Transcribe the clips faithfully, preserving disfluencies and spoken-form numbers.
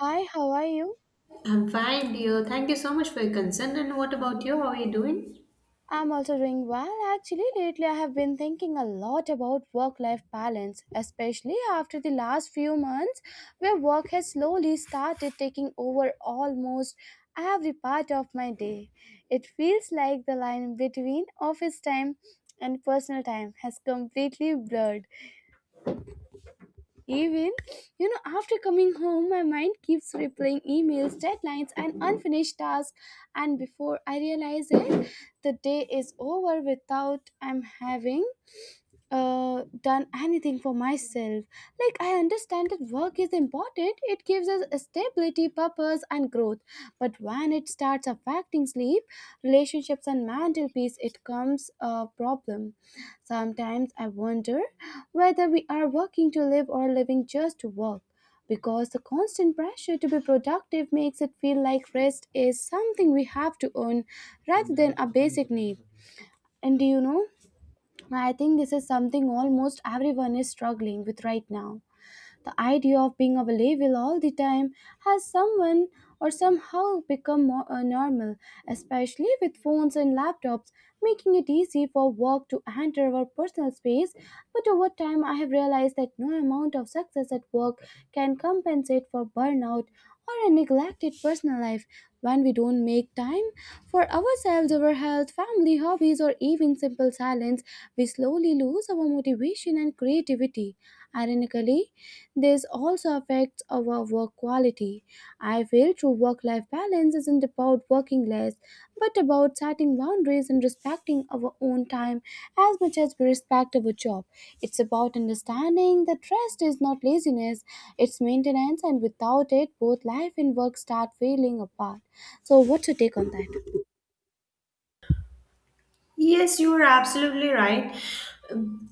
Hi, how are you? I'm fine, dear. Thank you so much for your concern. And what about you? How are you doing? I'm also doing well. Actually, lately I have been thinking a lot about work life balance, especially after the last few months where work has slowly started taking over almost every part of my day. It feels like the line between office time and personal time has completely blurred. Even, you know, after coming home, my mind keeps replaying emails, deadlines, and unfinished tasks. And before I realize it, the day is over without I'm having uh, done anything for myself. Like, I understand that work is important, it gives us stability, purpose, and growth. But when it starts affecting sleep, relationships, and mental peace, it comes a problem. Sometimes I wonder whether we are working to live or living just to work. Because the constant pressure to be productive makes it feel like rest is something we have to earn rather than a basic need. And do you know? I think this is something almost everyone is struggling with right now. The idea of being available all the time has someone or somehow become more uh, normal, especially with phones and laptops, making it easy for work to enter our personal space. But over time, I have realized that no amount of success at work can compensate for burnout or a neglected personal life when we don't make time for ourselves, our health, family, hobbies, or even simple silence, we slowly lose our motivation and creativity. Ironically, this also affects our work quality. I feel true work life balance isn't about working less, but about setting boundaries and respecting our own time as much as we respect our job. It's about understanding that rest is not laziness, it's maintenance, and without it, both life and work start failing apart. So, what's your take on that? Yes, you are absolutely right.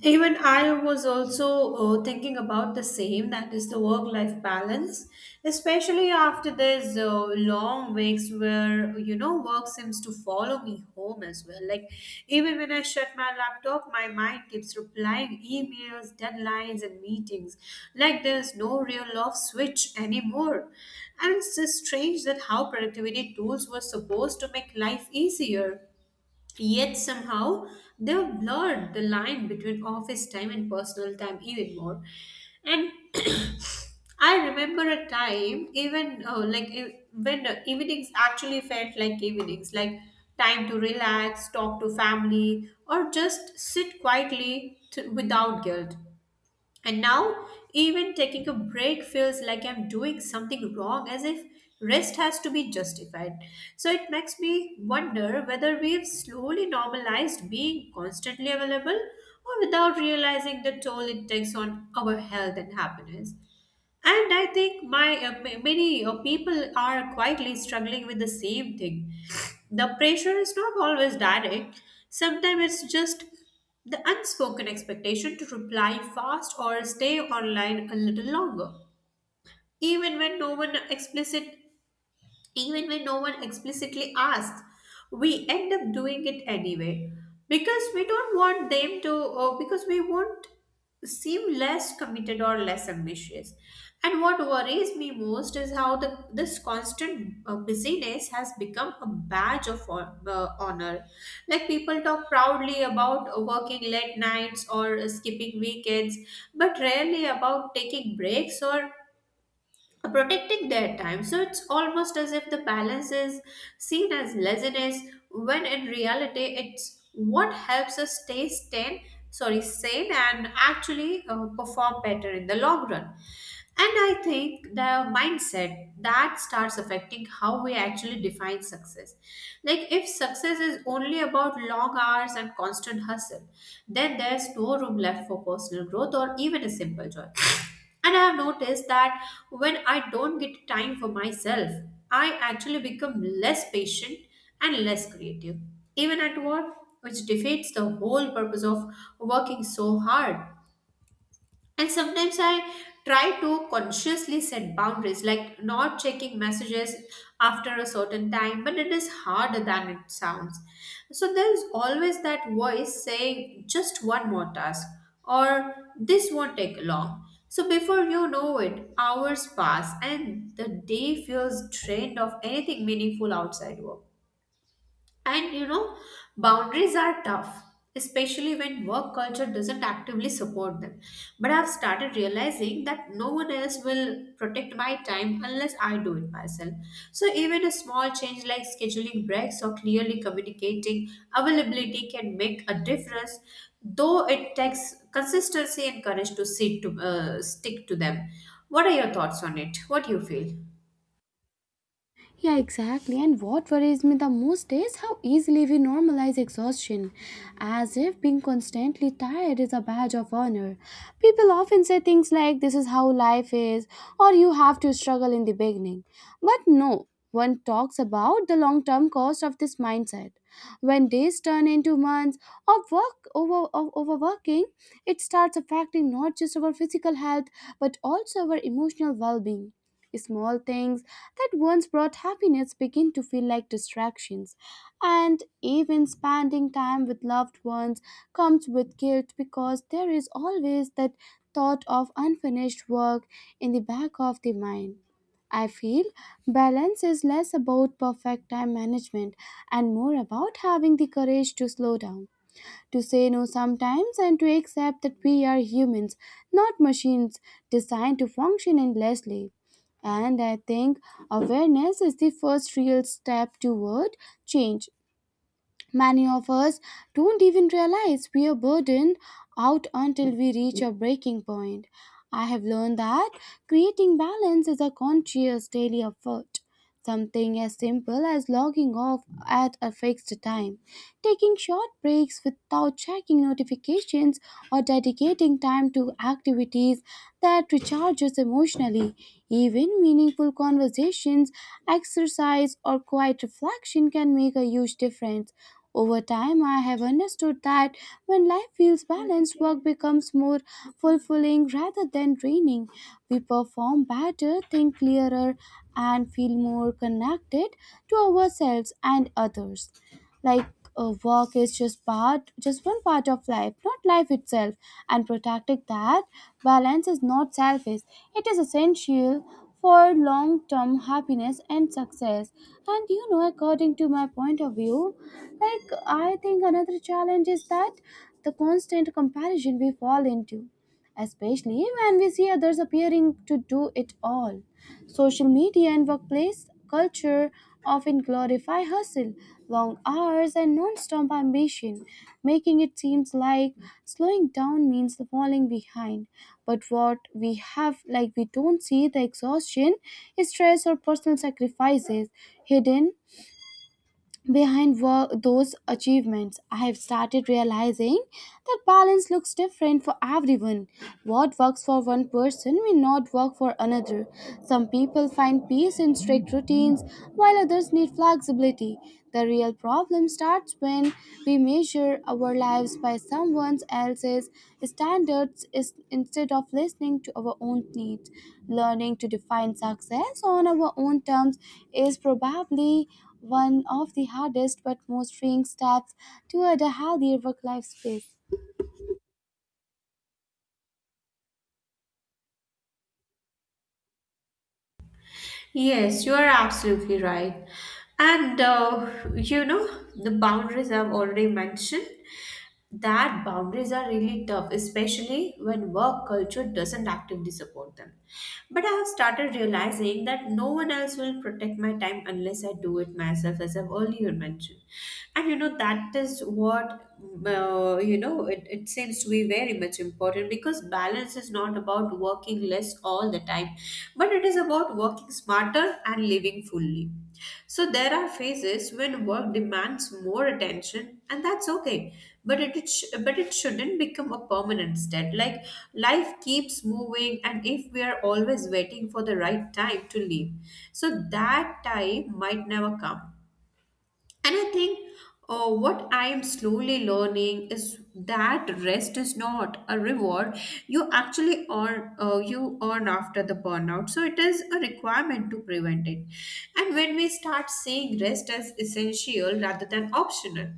Even I was also uh, thinking about the same, that is the work life balance, especially after these uh, long weeks where, you know, work seems to follow me home as well. Like, even when I shut my laptop, my mind keeps replying emails, deadlines, and meetings. Like, there's no real off switch anymore. And it's just strange that how productivity tools were supposed to make life easier. Yet somehow they have blurred the line between office time and personal time even more. And I remember a time even uh, like e- when uh, evenings actually felt like evenings, like time to relax, talk to family, or just sit quietly to, without guilt. And now, even taking a break feels like I'm doing something wrong, as if rest has to be justified. So it makes me wonder whether we've slowly normalized being constantly available or without realizing the toll it takes on our health and happiness. And I think my uh, ma- many uh, people are quietly struggling with the same thing. The pressure is not always direct. Sometimes it's just the unspoken expectation to reply fast or stay online a little longer, even when no one explicit even when no one explicitly asks, we end up doing it anyway because we don't want them to, or because we won't seem less committed or less ambitious. And what worries me most is how the, this constant uh, busyness has become a badge of hon- uh, honor. Like people talk proudly about uh, working late nights or uh, skipping weekends, but rarely about taking breaks or protecting their time. So it's almost as if the balance is seen as laziness, when in reality it's what helps us stay sane, sorry, sane, and actually uh, perform better in the long run. And I think the mindset that starts affecting how we actually define success. Like, if success is only about long hours and constant hustle, then there's no room left for personal growth or even a simple joy. And I have noticed that when I don't get time for myself, I actually become less patient and less creative, even at work, which defeats the whole purpose of working so hard. And sometimes I try to consciously set boundaries, like not checking messages after a certain time, but it is harder than it sounds. So there's always that voice saying just one more task or this won't take long. So before you know it, hours pass and the day feels drained of anything meaningful outside work. And you know, boundaries are tough, especially when work culture doesn't actively support them. But I've started realizing that no one else will protect my time unless I do it myself. So even a small change like scheduling breaks or clearly communicating availability can make a difference, though it takes consistency and courage to sit to, uh, stick to them. What are your thoughts on it? What do you feel? Yeah, exactly. And what worries me the most is how easily we normalize exhaustion, as if being constantly tired is a badge of honor. People often say things like, this is how life is, or you have to struggle in the beginning. But no, one talks about the long term cost of this mindset. When days turn into months of work over of overworking, it starts affecting not just our physical health but also our emotional well being. Small things that once brought happiness begin to feel like distractions, and even spending time with loved ones comes with guilt because there is always that thought of unfinished work in the back of the mind. I feel balance is less about perfect time management and more about having the courage to slow down to say no sometimes and to accept that we are humans, not machines designed to function endlessly. And I think awareness is the first real step toward change. Many of us don't even realize we are burdened out until we reach a breaking point. I have learned that creating balance is a conscious daily effort, something as simple as logging off at a fixed time taking short breaks without checking notifications or dedicating time to activities that recharges emotionally. Even meaningful conversations, exercise, or quiet reflection can make a huge difference. Over time, I have understood that when life feels balanced, work becomes more fulfilling rather than draining. We perform better, think clearer, and feel more connected to ourselves and others. Like uh, work is just part just one part of life, not life itself, and protecting that balance is not selfish, it is essential for long term happiness and success. And you know, according to my point of view, like, I think another challenge is that the constant comparison we fall into, especially when we see others appearing to do it all. Social media and workplace culture often glorify hustle, long hours, and non-stop ambition, making it seem like slowing down means falling behind. But what we have, like, we don't see the exhaustion, stress, or personal sacrifices hidden behind wo- those achievements. I have started realizing that balance looks different for everyone. What works for one person may not work for another. Some people find peace in strict routines, while others need flexibility. The real problem starts when we measure our lives by someone else's standards is- instead of listening to our own needs. Learning to define success on our own terms is probably one of the hardest but most freeing steps toward a healthier work life space. Yes, you are absolutely right. And uh, you know, the boundaries I've already mentioned, that boundaries are really tough, especially when work culture doesn't actively support them. But I have started realizing that no one else will will protect my time unless I do it myself, as I've earlier mentioned. And you know, that is what, uh, you know, it, it seems to be very much important because balance is not about working less all the time, but it is about working smarter and living fully. So there are phases when work demands more attention, and that's okay. But it, it sh- but it shouldn't become a permanent state. Like life keeps moving, and if we are always waiting for the right time to leave, so that time might never come. And I think uh, what I am slowly learning is that rest is not a reward you actually earn uh, you earn after the burnout. So it is a requirement to prevent it. And when we start seeing rest as essential rather than optional,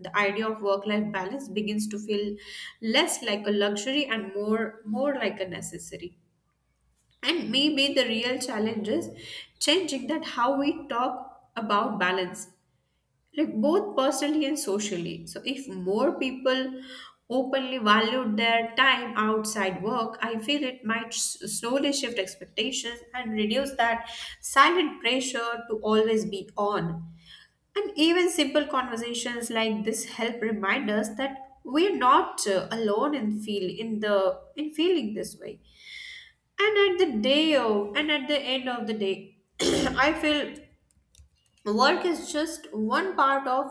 the idea of work-life balance begins to feel less like a luxury and more more like a necessary. And maybe the real challenge is changing that how we talk about balance, like both personally and socially. So if more people openly valued their time outside work, I feel it might s- slowly shift expectations and reduce that silent pressure to always be on. And even simple conversations like this help remind us that we're not uh, alone in feel in the in feeling this way. And at the day of, and at the end of the day I feel work is just one part of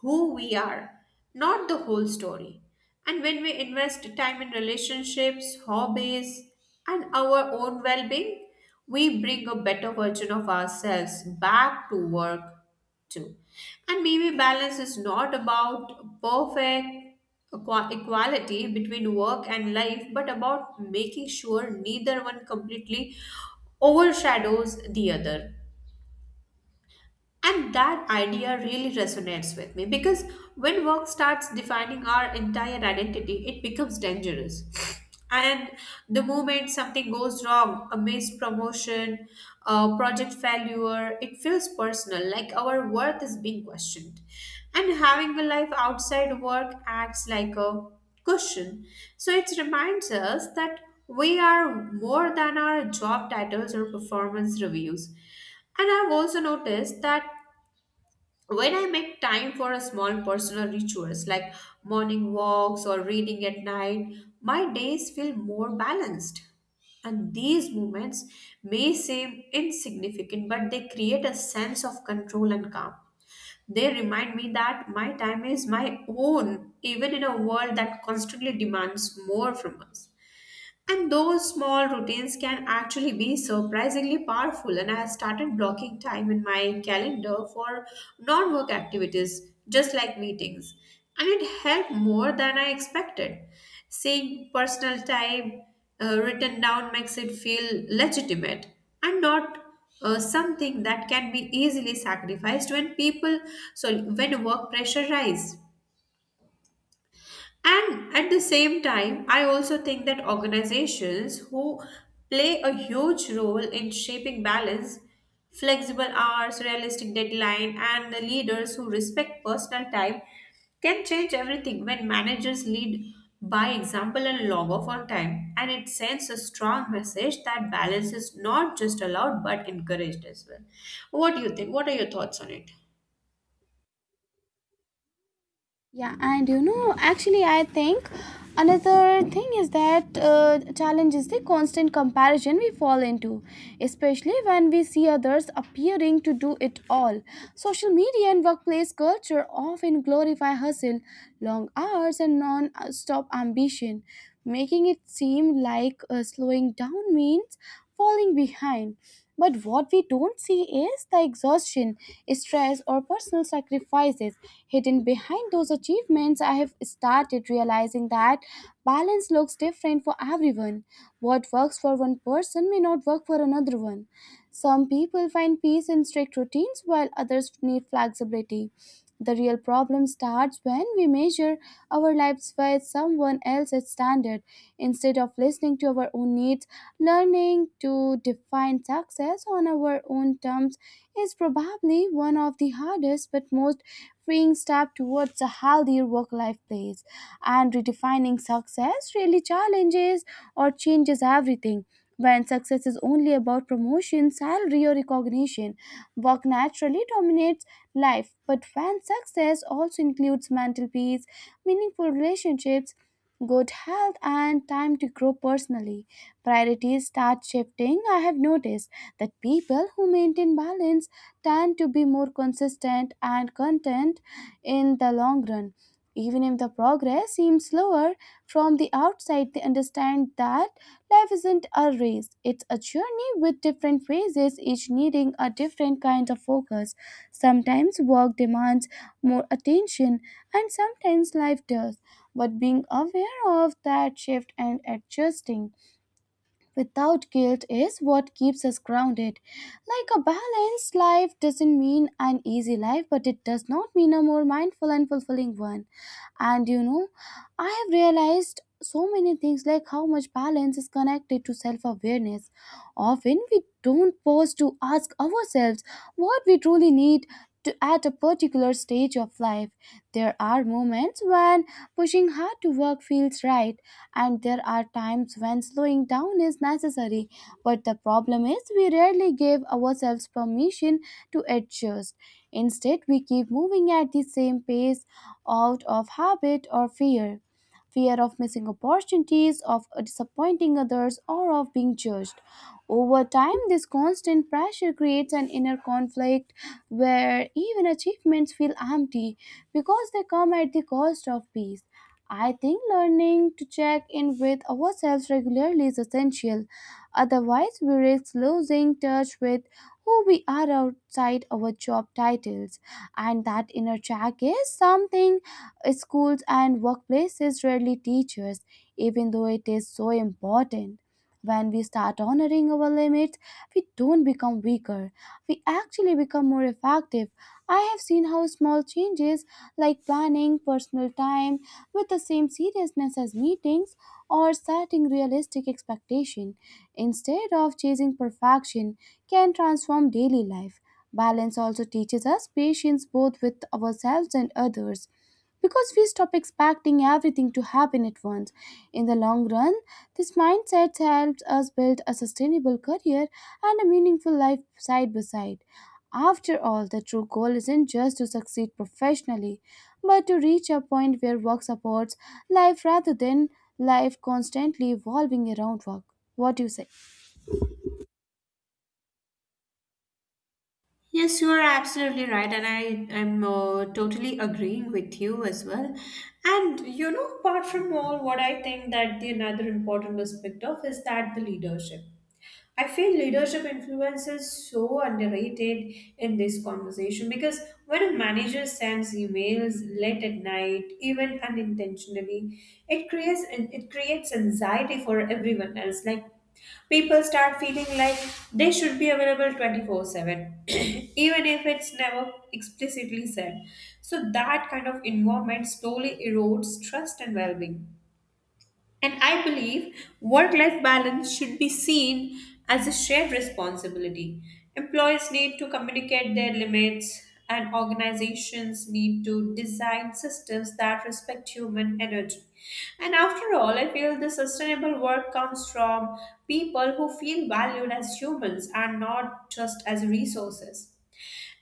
who we are, not the whole story. And when we invest time in relationships, hobbies, and our own well being, we bring a better version of ourselves back to work too. And maybe balance is not about perfect equa- equality between work and life, but about making sure neither one completely overshadows the other. And that idea really resonates with me because when work starts defining our entire identity, it becomes dangerous. And the moment something goes wrong, a missed promotion, a project failure, it feels personal, like our worth is being questioned. And having a life outside work acts like a cushion. So it reminds us that we are more than our job titles or performance reviews. And I've also noticed that when I make time for a small personal rituals like morning walks or reading at night, my days feel more balanced. And these moments may seem insignificant, but they create a sense of control and calm. They remind me that my time is my own, even in a world that constantly demands more from us. And those small routines can actually be surprisingly powerful. And I have started blocking time in my calendar for non work activities, just like meetings. And it helped more than I expected. Seeing personal time uh, written down makes it feel legitimate and not uh, something that can be easily sacrificed when people, so when work pressure rise. And at the same time, I also think that organizations who play a huge role in shaping balance, flexible hours, realistic deadline, and the leaders who respect personal time can change everything when managers lead by example and log off on time. And it sends a strong message that balance is not just allowed but encouraged as well. What do you think? What are your thoughts on it? Yeah, and you know, actually, I think another thing is that uh, challenge is the constant comparison we fall into, especially when we see others appearing to do it all. Social media and workplace culture often glorify hustle, long hours, and non stop ambition, making it seem like uh, slowing down means falling behind. But what we don't see is the exhaustion, stress, or personal sacrifices hidden behind those achievements. I have started realizing that balance looks different for everyone. What works for one person may not work for another one. Some people find peace in strict routines, while others need flexibility. The real problem starts when we measure our lives by someone else's standard instead of listening to our own needs. Learning to define success on our own terms is probably one of the hardest but most freeing steps towards a healthier work life place. And redefining success really challenges or changes everything. When success is only about promotion, salary, or recognition, work naturally dominates life. But when success also includes mental peace, meaningful relationships, good health, and time to grow personally, priorities start shifting. I have noticed that people who maintain balance tend to be more consistent and content in the long run. Even if the progress seems slower from the outside, they understand that life isn't a race, it's a journey with different phases, each needing a different kind of focus. Sometimes work demands more attention, and sometimes life does. But being aware of that shift and adjusting without guilt is what keeps us grounded. Like a balanced life doesn't mean an easy life, but it does not mean a more mindful and fulfilling one. And you know, I have realized so many things like how much balance is connected to self awareness. Often we don't pause to ask ourselves what we truly need. To, at a particular stage of life, there are moments when pushing hard to work feels right, and there are times when slowing down is necessary. But the problem is, we rarely give ourselves permission to adjust. Instead, we keep moving at the same pace out of habit or fear, fear of missing opportunities, of disappointing others, or of being judged. Over time, this constant pressure creates an inner conflict where even achievements feel empty because they come at the cost of peace. I think learning to check in with ourselves regularly is essential. Otherwise, we risk losing touch with who we are outside our job titles. And that inner check is something schools and workplaces rarely teach us, even though it is so important. When we start honoring our limits, we don't become weaker. We actually become more effective. I have seen how small changes like planning personal time with the same seriousness as meetings or setting realistic expectation instead of chasing perfection perfection can transform daily life. Balance also teaches us patience both with ourselves and others because we stop expecting everything to happen at once. In the long run, this mindset helps us build a sustainable career and a meaningful life side by side. After all, the true goal isn't just to succeed professionally, but to reach a point where work supports life rather than life constantly evolving around work. What do you say? Yes, you are absolutely right, and I am uh, totally agreeing with you as well. And you know, apart from all, what I think that the another important aspect of is that the leadership. I feel leadership influence is so underrated in this conversation because when a manager sends emails late at night, even unintentionally, it creates it creates anxiety for everyone else. Like people start feeling like they should be available twenty-four seven, even if it's never explicitly said. So, that kind of environment slowly erodes trust and well being. And I believe work life balance should be seen as a shared responsibility. Employees need to communicate their limits, and organizations need to design systems that respect human energy. And after all, I feel the sustainable work comes from people who feel valued as humans and not just as resources.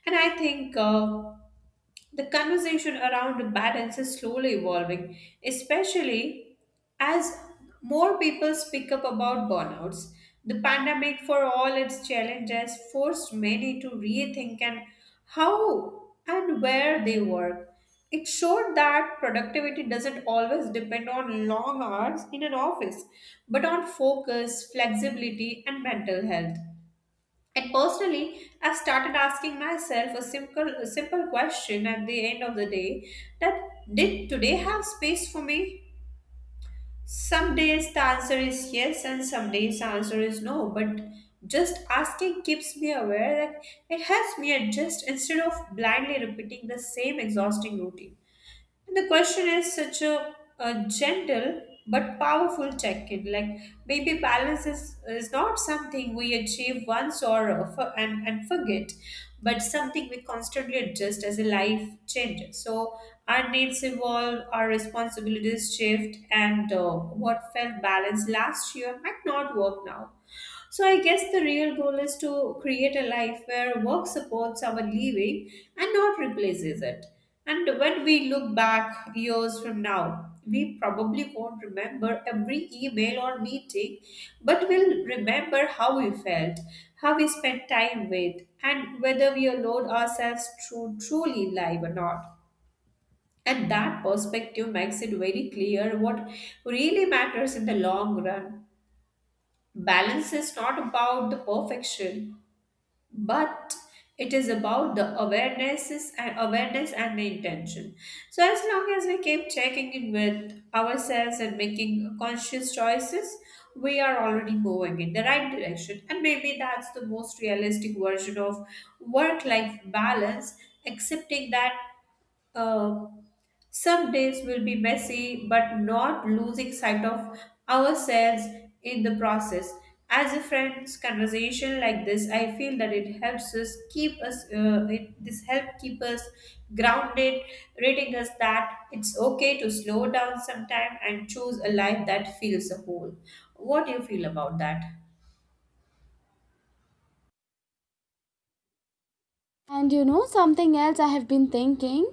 And I think. Uh, the conversation around balance is slowly evolving, especially as more people speak up about burnouts. The pandemic, for all its challenges, forced many to rethink and how and where they work. It showed that productivity doesn't always depend on long hours in an office, but on focus, flexibility, and mental health. And personally, I've started asking myself a simple, a simple question at the end of the day that did today have space for me? Some days the answer is yes, and some days the answer is no. But just asking keeps me aware that it helps me adjust instead of blindly repeating the same exhausting routine. And the question is such a, a gentle but powerful check-in. Like maybe balance is, is not something we achieve once or uh, for, and, and forget, but something we constantly adjust as a life changes. So our needs evolve, our responsibilities shift, and uh, what felt balanced last year might not work now. So I guess the real goal is to create a life where work supports our living and not replaces it. And when we look back years from now, we probably won't remember every email or meeting, but we'll remember how we felt, how we spent time with, and whether we allowed ourselves to truly live or not. And that perspective makes it very clear what really matters in the long run. Balance is not about the perfection but it is about the awarenesses and awareness and the intention, so as long as we keep checking in with ourselves and making conscious choices, we are already moving in the right direction, and maybe that's the most realistic version of work life balance, accepting that uh, some days will be messy, but not losing sight of ourselves in the process. As a friend's conversation like this, I feel that it helps us keep us. Uh, it, this help keep us grounded, reading us that it's okay to slow down sometime and choose a life that feels whole. What do you feel about that? And you know, something else I have been thinking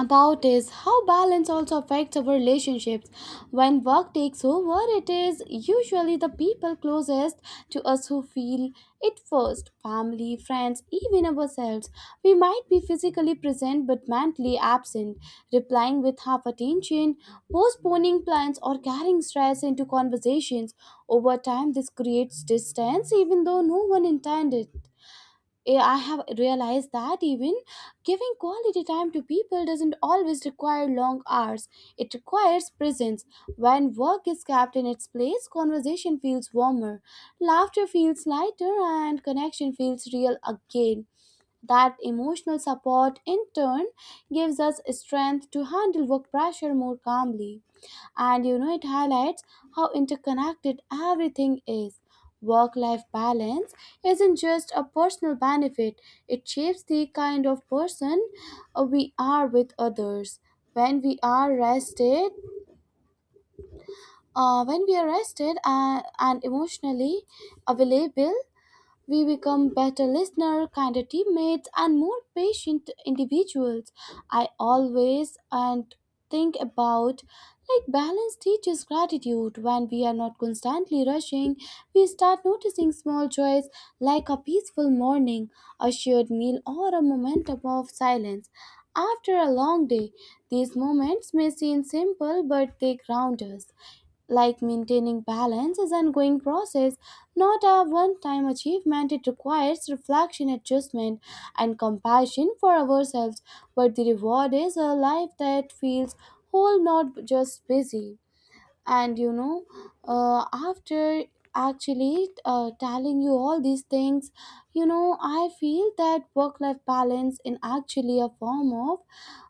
about is how balance also affects our relationships. When work takes over, it is usually the people closest to us who feel it first, family, friends, even ourselves. We might be physically present but mentally absent, replying with half attention, postponing plans, or carrying stress into conversations. Over time, this creates distance even though no one intended. eh, I have realized that even giving quality time to people doesn't always require long hours. It requires presence. When work is kept in its place, conversation feels warmer, laughter feels lighter, and connection feels real again. That emotional support, in turn, gives us strength to handle work pressure more calmly. And you know, it highlights how interconnected everything is. Work life balance isn't just a personal benefit, it shapes the kind of person uh, we are with others. When we are rested, uh, when we are rested uh, and emotionally available, we become better listeners, kinder teammates, and more patient individuals. I always and think about like balance teaches gratitude. When we are not constantly rushing, we start noticing small joys like a peaceful morning, a shared meal, or a moment of silence after a long day. These moments may seem simple, but they ground us. Like, maintaining balance is an ongoing process, not a one time achievement. It requires reflection, adjustment, and compassion for ourselves. But the reward is a life that feels whole, not just busy. And you know uh, after actually uh, Telling you all these things, you know, I feel that work life balance is actually a form of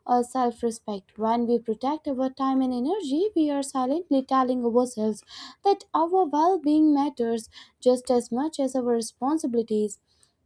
uh, self respect. When we protect our time and energy, we are silently telling ourselves that our well being matters just as much as our responsibilities.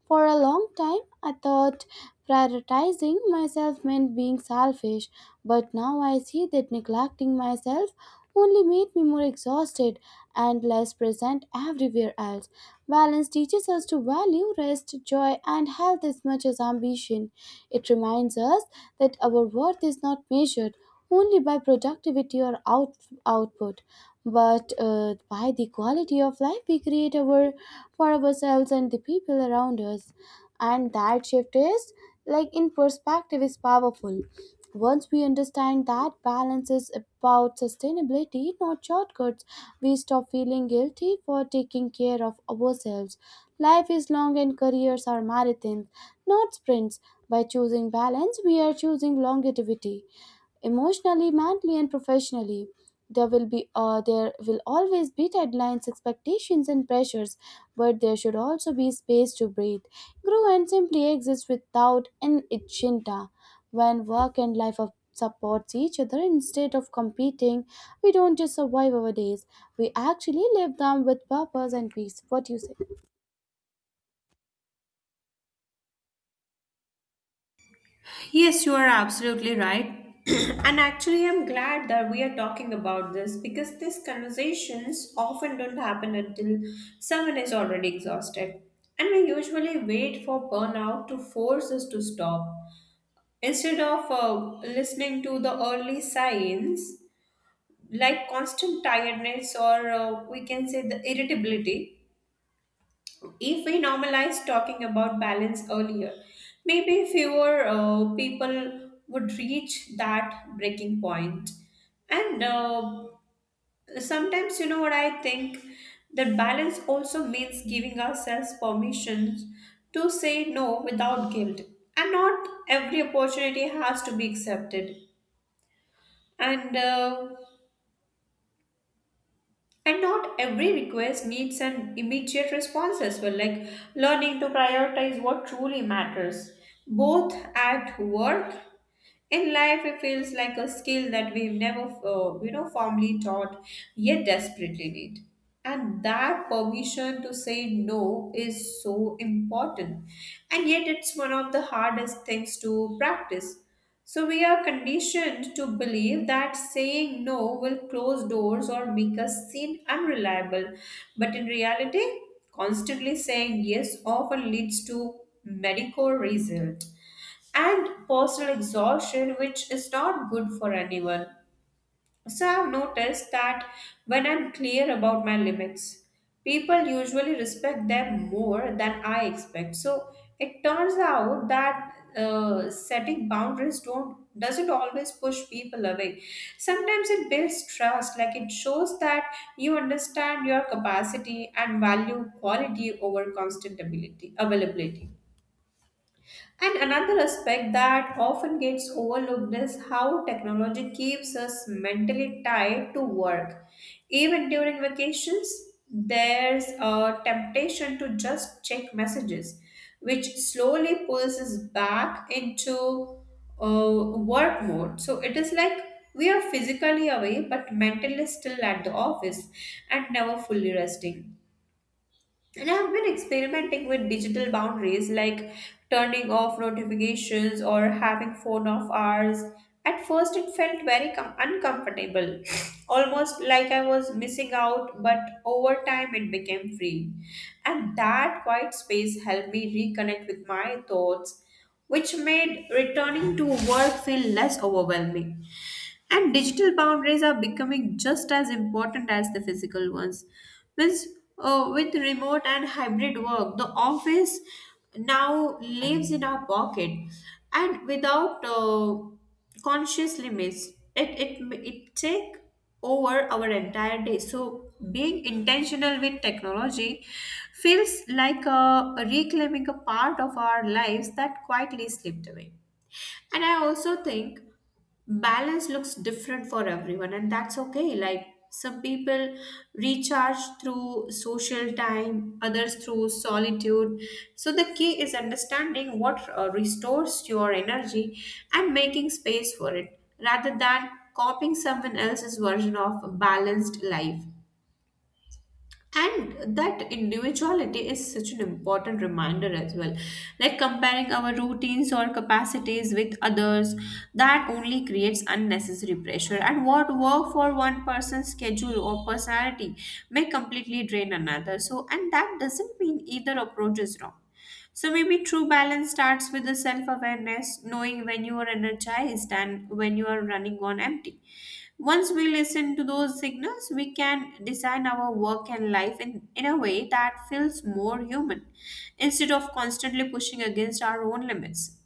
For a long time, I thought prioritizing myself meant being selfish, but now I see that neglecting myself only made me more exhausted and less present everywhere else. Balance teaches us to value rest, joy, and health as much as ambition. It reminds us that our worth is not measured only by productivity or out, output, but uh, by the quality of life we create our, for ourselves and the people around us. And that shift is, like in perspective, is powerful. Once we understand that balance is about sustainability, not shortcuts, we stop feeling guilty for taking care of ourselves. Life is long and careers are marathons, not sprints. By choosing balance, we are choosing longevity emotionally, mentally, and professionally. There will be uh, there will always be deadlines, expectations, and pressures, but there should also be space to breathe, grow, and simply exist without an agenda. When work and life are- supports each other instead of competing, we don't just survive our days; we actually live them with purpose and peace. What do you say? Yes, you are absolutely right. And actually, I'm glad that we are talking about this, because these conversations often don't happen until someone is already exhausted. And we usually wait for burnout to force us to stop, instead of uh, listening to the early signs, like constant tiredness or, uh, we can say, the irritability. If we normalize talking about balance earlier, maybe fewer uh, people would reach that breaking point. And uh, Sometimes, you know what I think? That balance also means giving ourselves permission to say no without guilt. And not every opportunity has to be accepted. And uh, And not every request needs an immediate response as well, like learning to prioritize what truly matters, both at work in life. It feels like a skill that we've never, uh, you know, formally taught, yet desperately need. And that permission to say no is so important, and yet it's one of the hardest things to practice. So we are conditioned to believe that saying no will close doors or make us seem unreliable. But in reality, constantly saying yes often leads to mediocre result and personal exhaustion, which is not good for anyone. So I've noticed that when I'm clear about my limits, people usually respect them more than I expect. So it turns out that, uh, setting boundaries don't doesn't always push people away. Sometimes it builds trust, like it shows that you understand your capacity and value quality over constant ability availability. And another aspect that often gets overlooked is how technology keeps us mentally tied to work. Even during vacations, there's a temptation to just check messages, which slowly pulls us back into uh, work mode. So it is like we are physically away but mentally still at the office and never fully resting. And I've been experimenting with digital boundaries, like turning off notifications or having phone off hours. At first, it felt very com- uncomfortable, almost like I was missing out, but over time, it became free. And that quiet space helped me reconnect with my thoughts, which made returning to work feel less overwhelming. And digital boundaries are becoming just as important as the physical ones. Means, uh, with remote and hybrid work, the office now lives in our pocket, and without uh, conscious limits, it, it, it take over our entire day. So being intentional with technology feels like a, a reclaiming a part of our lives that quietly slipped away. And I also think balance looks different for everyone, and that's okay. Like, some people recharge through social time, others through solitude. So the key is understanding what uh, restores your energy and making space for it, rather than copying someone else's version of a balanced life. And that individuality is such an important reminder as well. Like, comparing our routines or capacities with others, that only creates unnecessary pressure. And what work for one person's schedule or personality may completely drain another. So, and that doesn't mean either approach is wrong. So maybe true balance starts with the self awareness, knowing when you are energized and when you are running on empty. Once we listen to those signals, we can design our work and life in, in a way that feels more human, instead of constantly pushing against our own limits.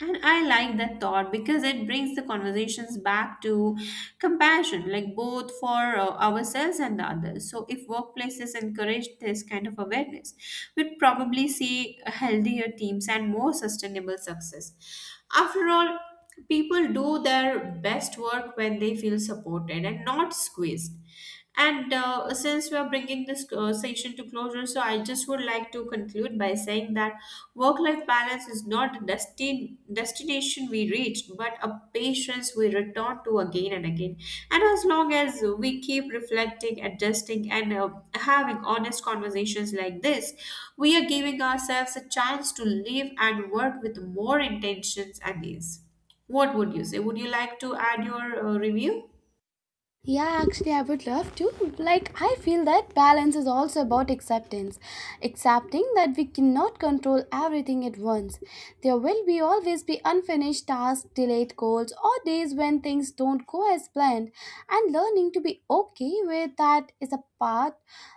And I like that thought, because it brings the conversations back to compassion, like both for uh, ourselves and the others. So if workplaces encourage this kind of awareness, we'd probably see healthier teams and more sustainable success. After all, people do their best work when they feel supported and not squeezed. And uh, Since we are bringing this uh, session to closure, so I just would like to conclude by saying that work life balance is not a destin- destination we reach, but a patience we return to again and again. And as long as we keep reflecting, adjusting, and, uh, having honest conversations like this, we are giving ourselves a chance to live and work with more intentions and ease. What would you say? Would you like to add your uh, review? Yeah, actually, I would love to. Like, I feel that balance is also about acceptance. Accepting that we cannot control everything at once. There will be always be unfinished tasks, delayed goals, or days when things don't go as planned. And learning to be okay with that is a part,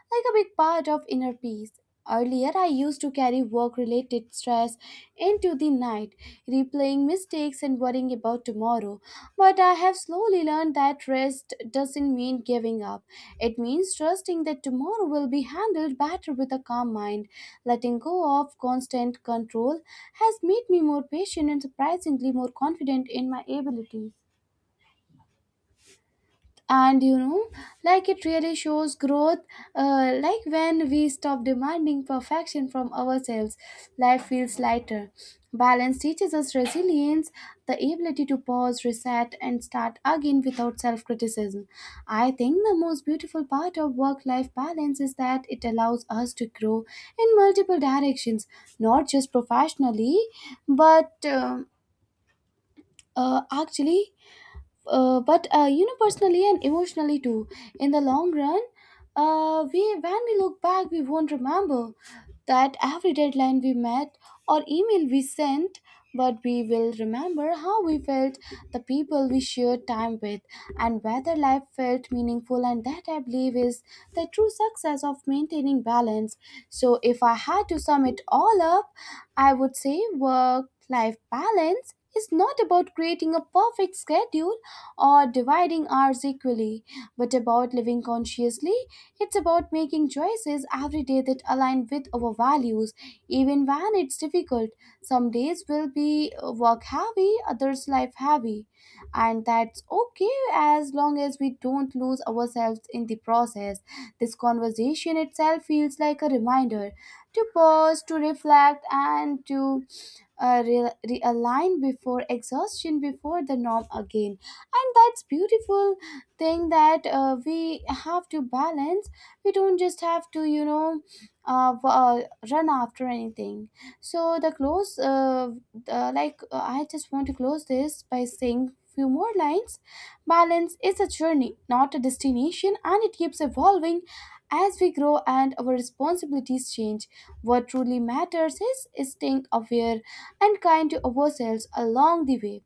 like a big part of inner peace. Earlier, I used to carry work related stress into the night, replaying mistakes and worrying about tomorrow. But I have slowly learned that rest doesn't mean giving up. It means trusting that tomorrow will be handled better with a calm mind. Letting go of constant control has made me more patient and surprisingly more confident in my abilities. And, you know, like, it really shows growth. Uh, like, when we stop demanding perfection from ourselves, life feels lighter. Balance teaches us resilience, the ability to pause, reset, and start again without self-criticism. I think the most beautiful part of work-life balance is that it allows us to grow in multiple directions, not just professionally, but um uh, actually uh, but uh, you know, personally and emotionally too. In the long run, uh, we when we look back, we won't remember that every deadline we met or email we sent, but we will remember how we felt, the people we shared time with, and whether life felt meaningful. And that, I believe, is the true success of maintaining balance. So if I had to sum it all up, I would say work life balance is not about creating a perfect schedule or dividing hours equally, but about living consciously. It's about making choices every day that align with our values, even when it's difficult. Some days will be uh, work heavy, others life heavy, and that's okay as long as we don't lose ourselves in the process. This conversation itself feels like a reminder to pause, to reflect, and to uh, re- realign before exhaustion, before the norm again. And that's beautiful thing that uh, we have to balance. We don't just have to, you know, uh, w- uh, run after anything. So the close uh, uh, like uh, I just want to close this by saying few more lines. Balance is a journey, not a destination, and it keeps evolving as we grow and our responsibilities change. What truly matters is staying aware and kind to ourselves along the way.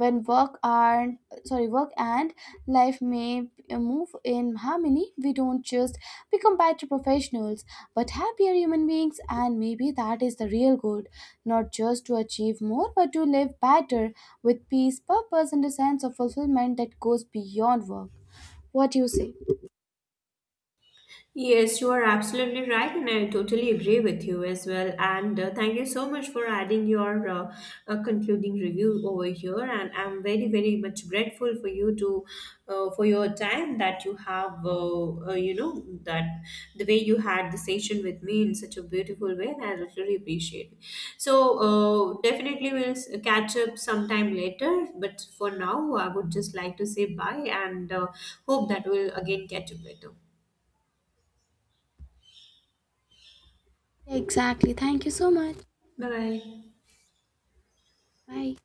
When work and sorry work and life may move in harmony, we don't just become better professionals, but happier human beings. And maybe that is the real goal, not just to achieve more but to live better, with peace, purpose, and a sense of fulfillment that goes beyond work. What do you say? Yes, you are absolutely right, and I totally agree with you as well. And uh, Thank you so much for adding your uh, uh, concluding review over here. And I'm very, very much grateful for you to, uh, for your time that you have, uh, uh, you know, that the way you had the session with me in such a beautiful way, and I really appreciate it. So uh, definitely we'll s- catch up sometime later. But for now, I would just like to say bye, and, uh, hope that we'll again catch up later. Exactly, thank you so much. Bye bye. Bye.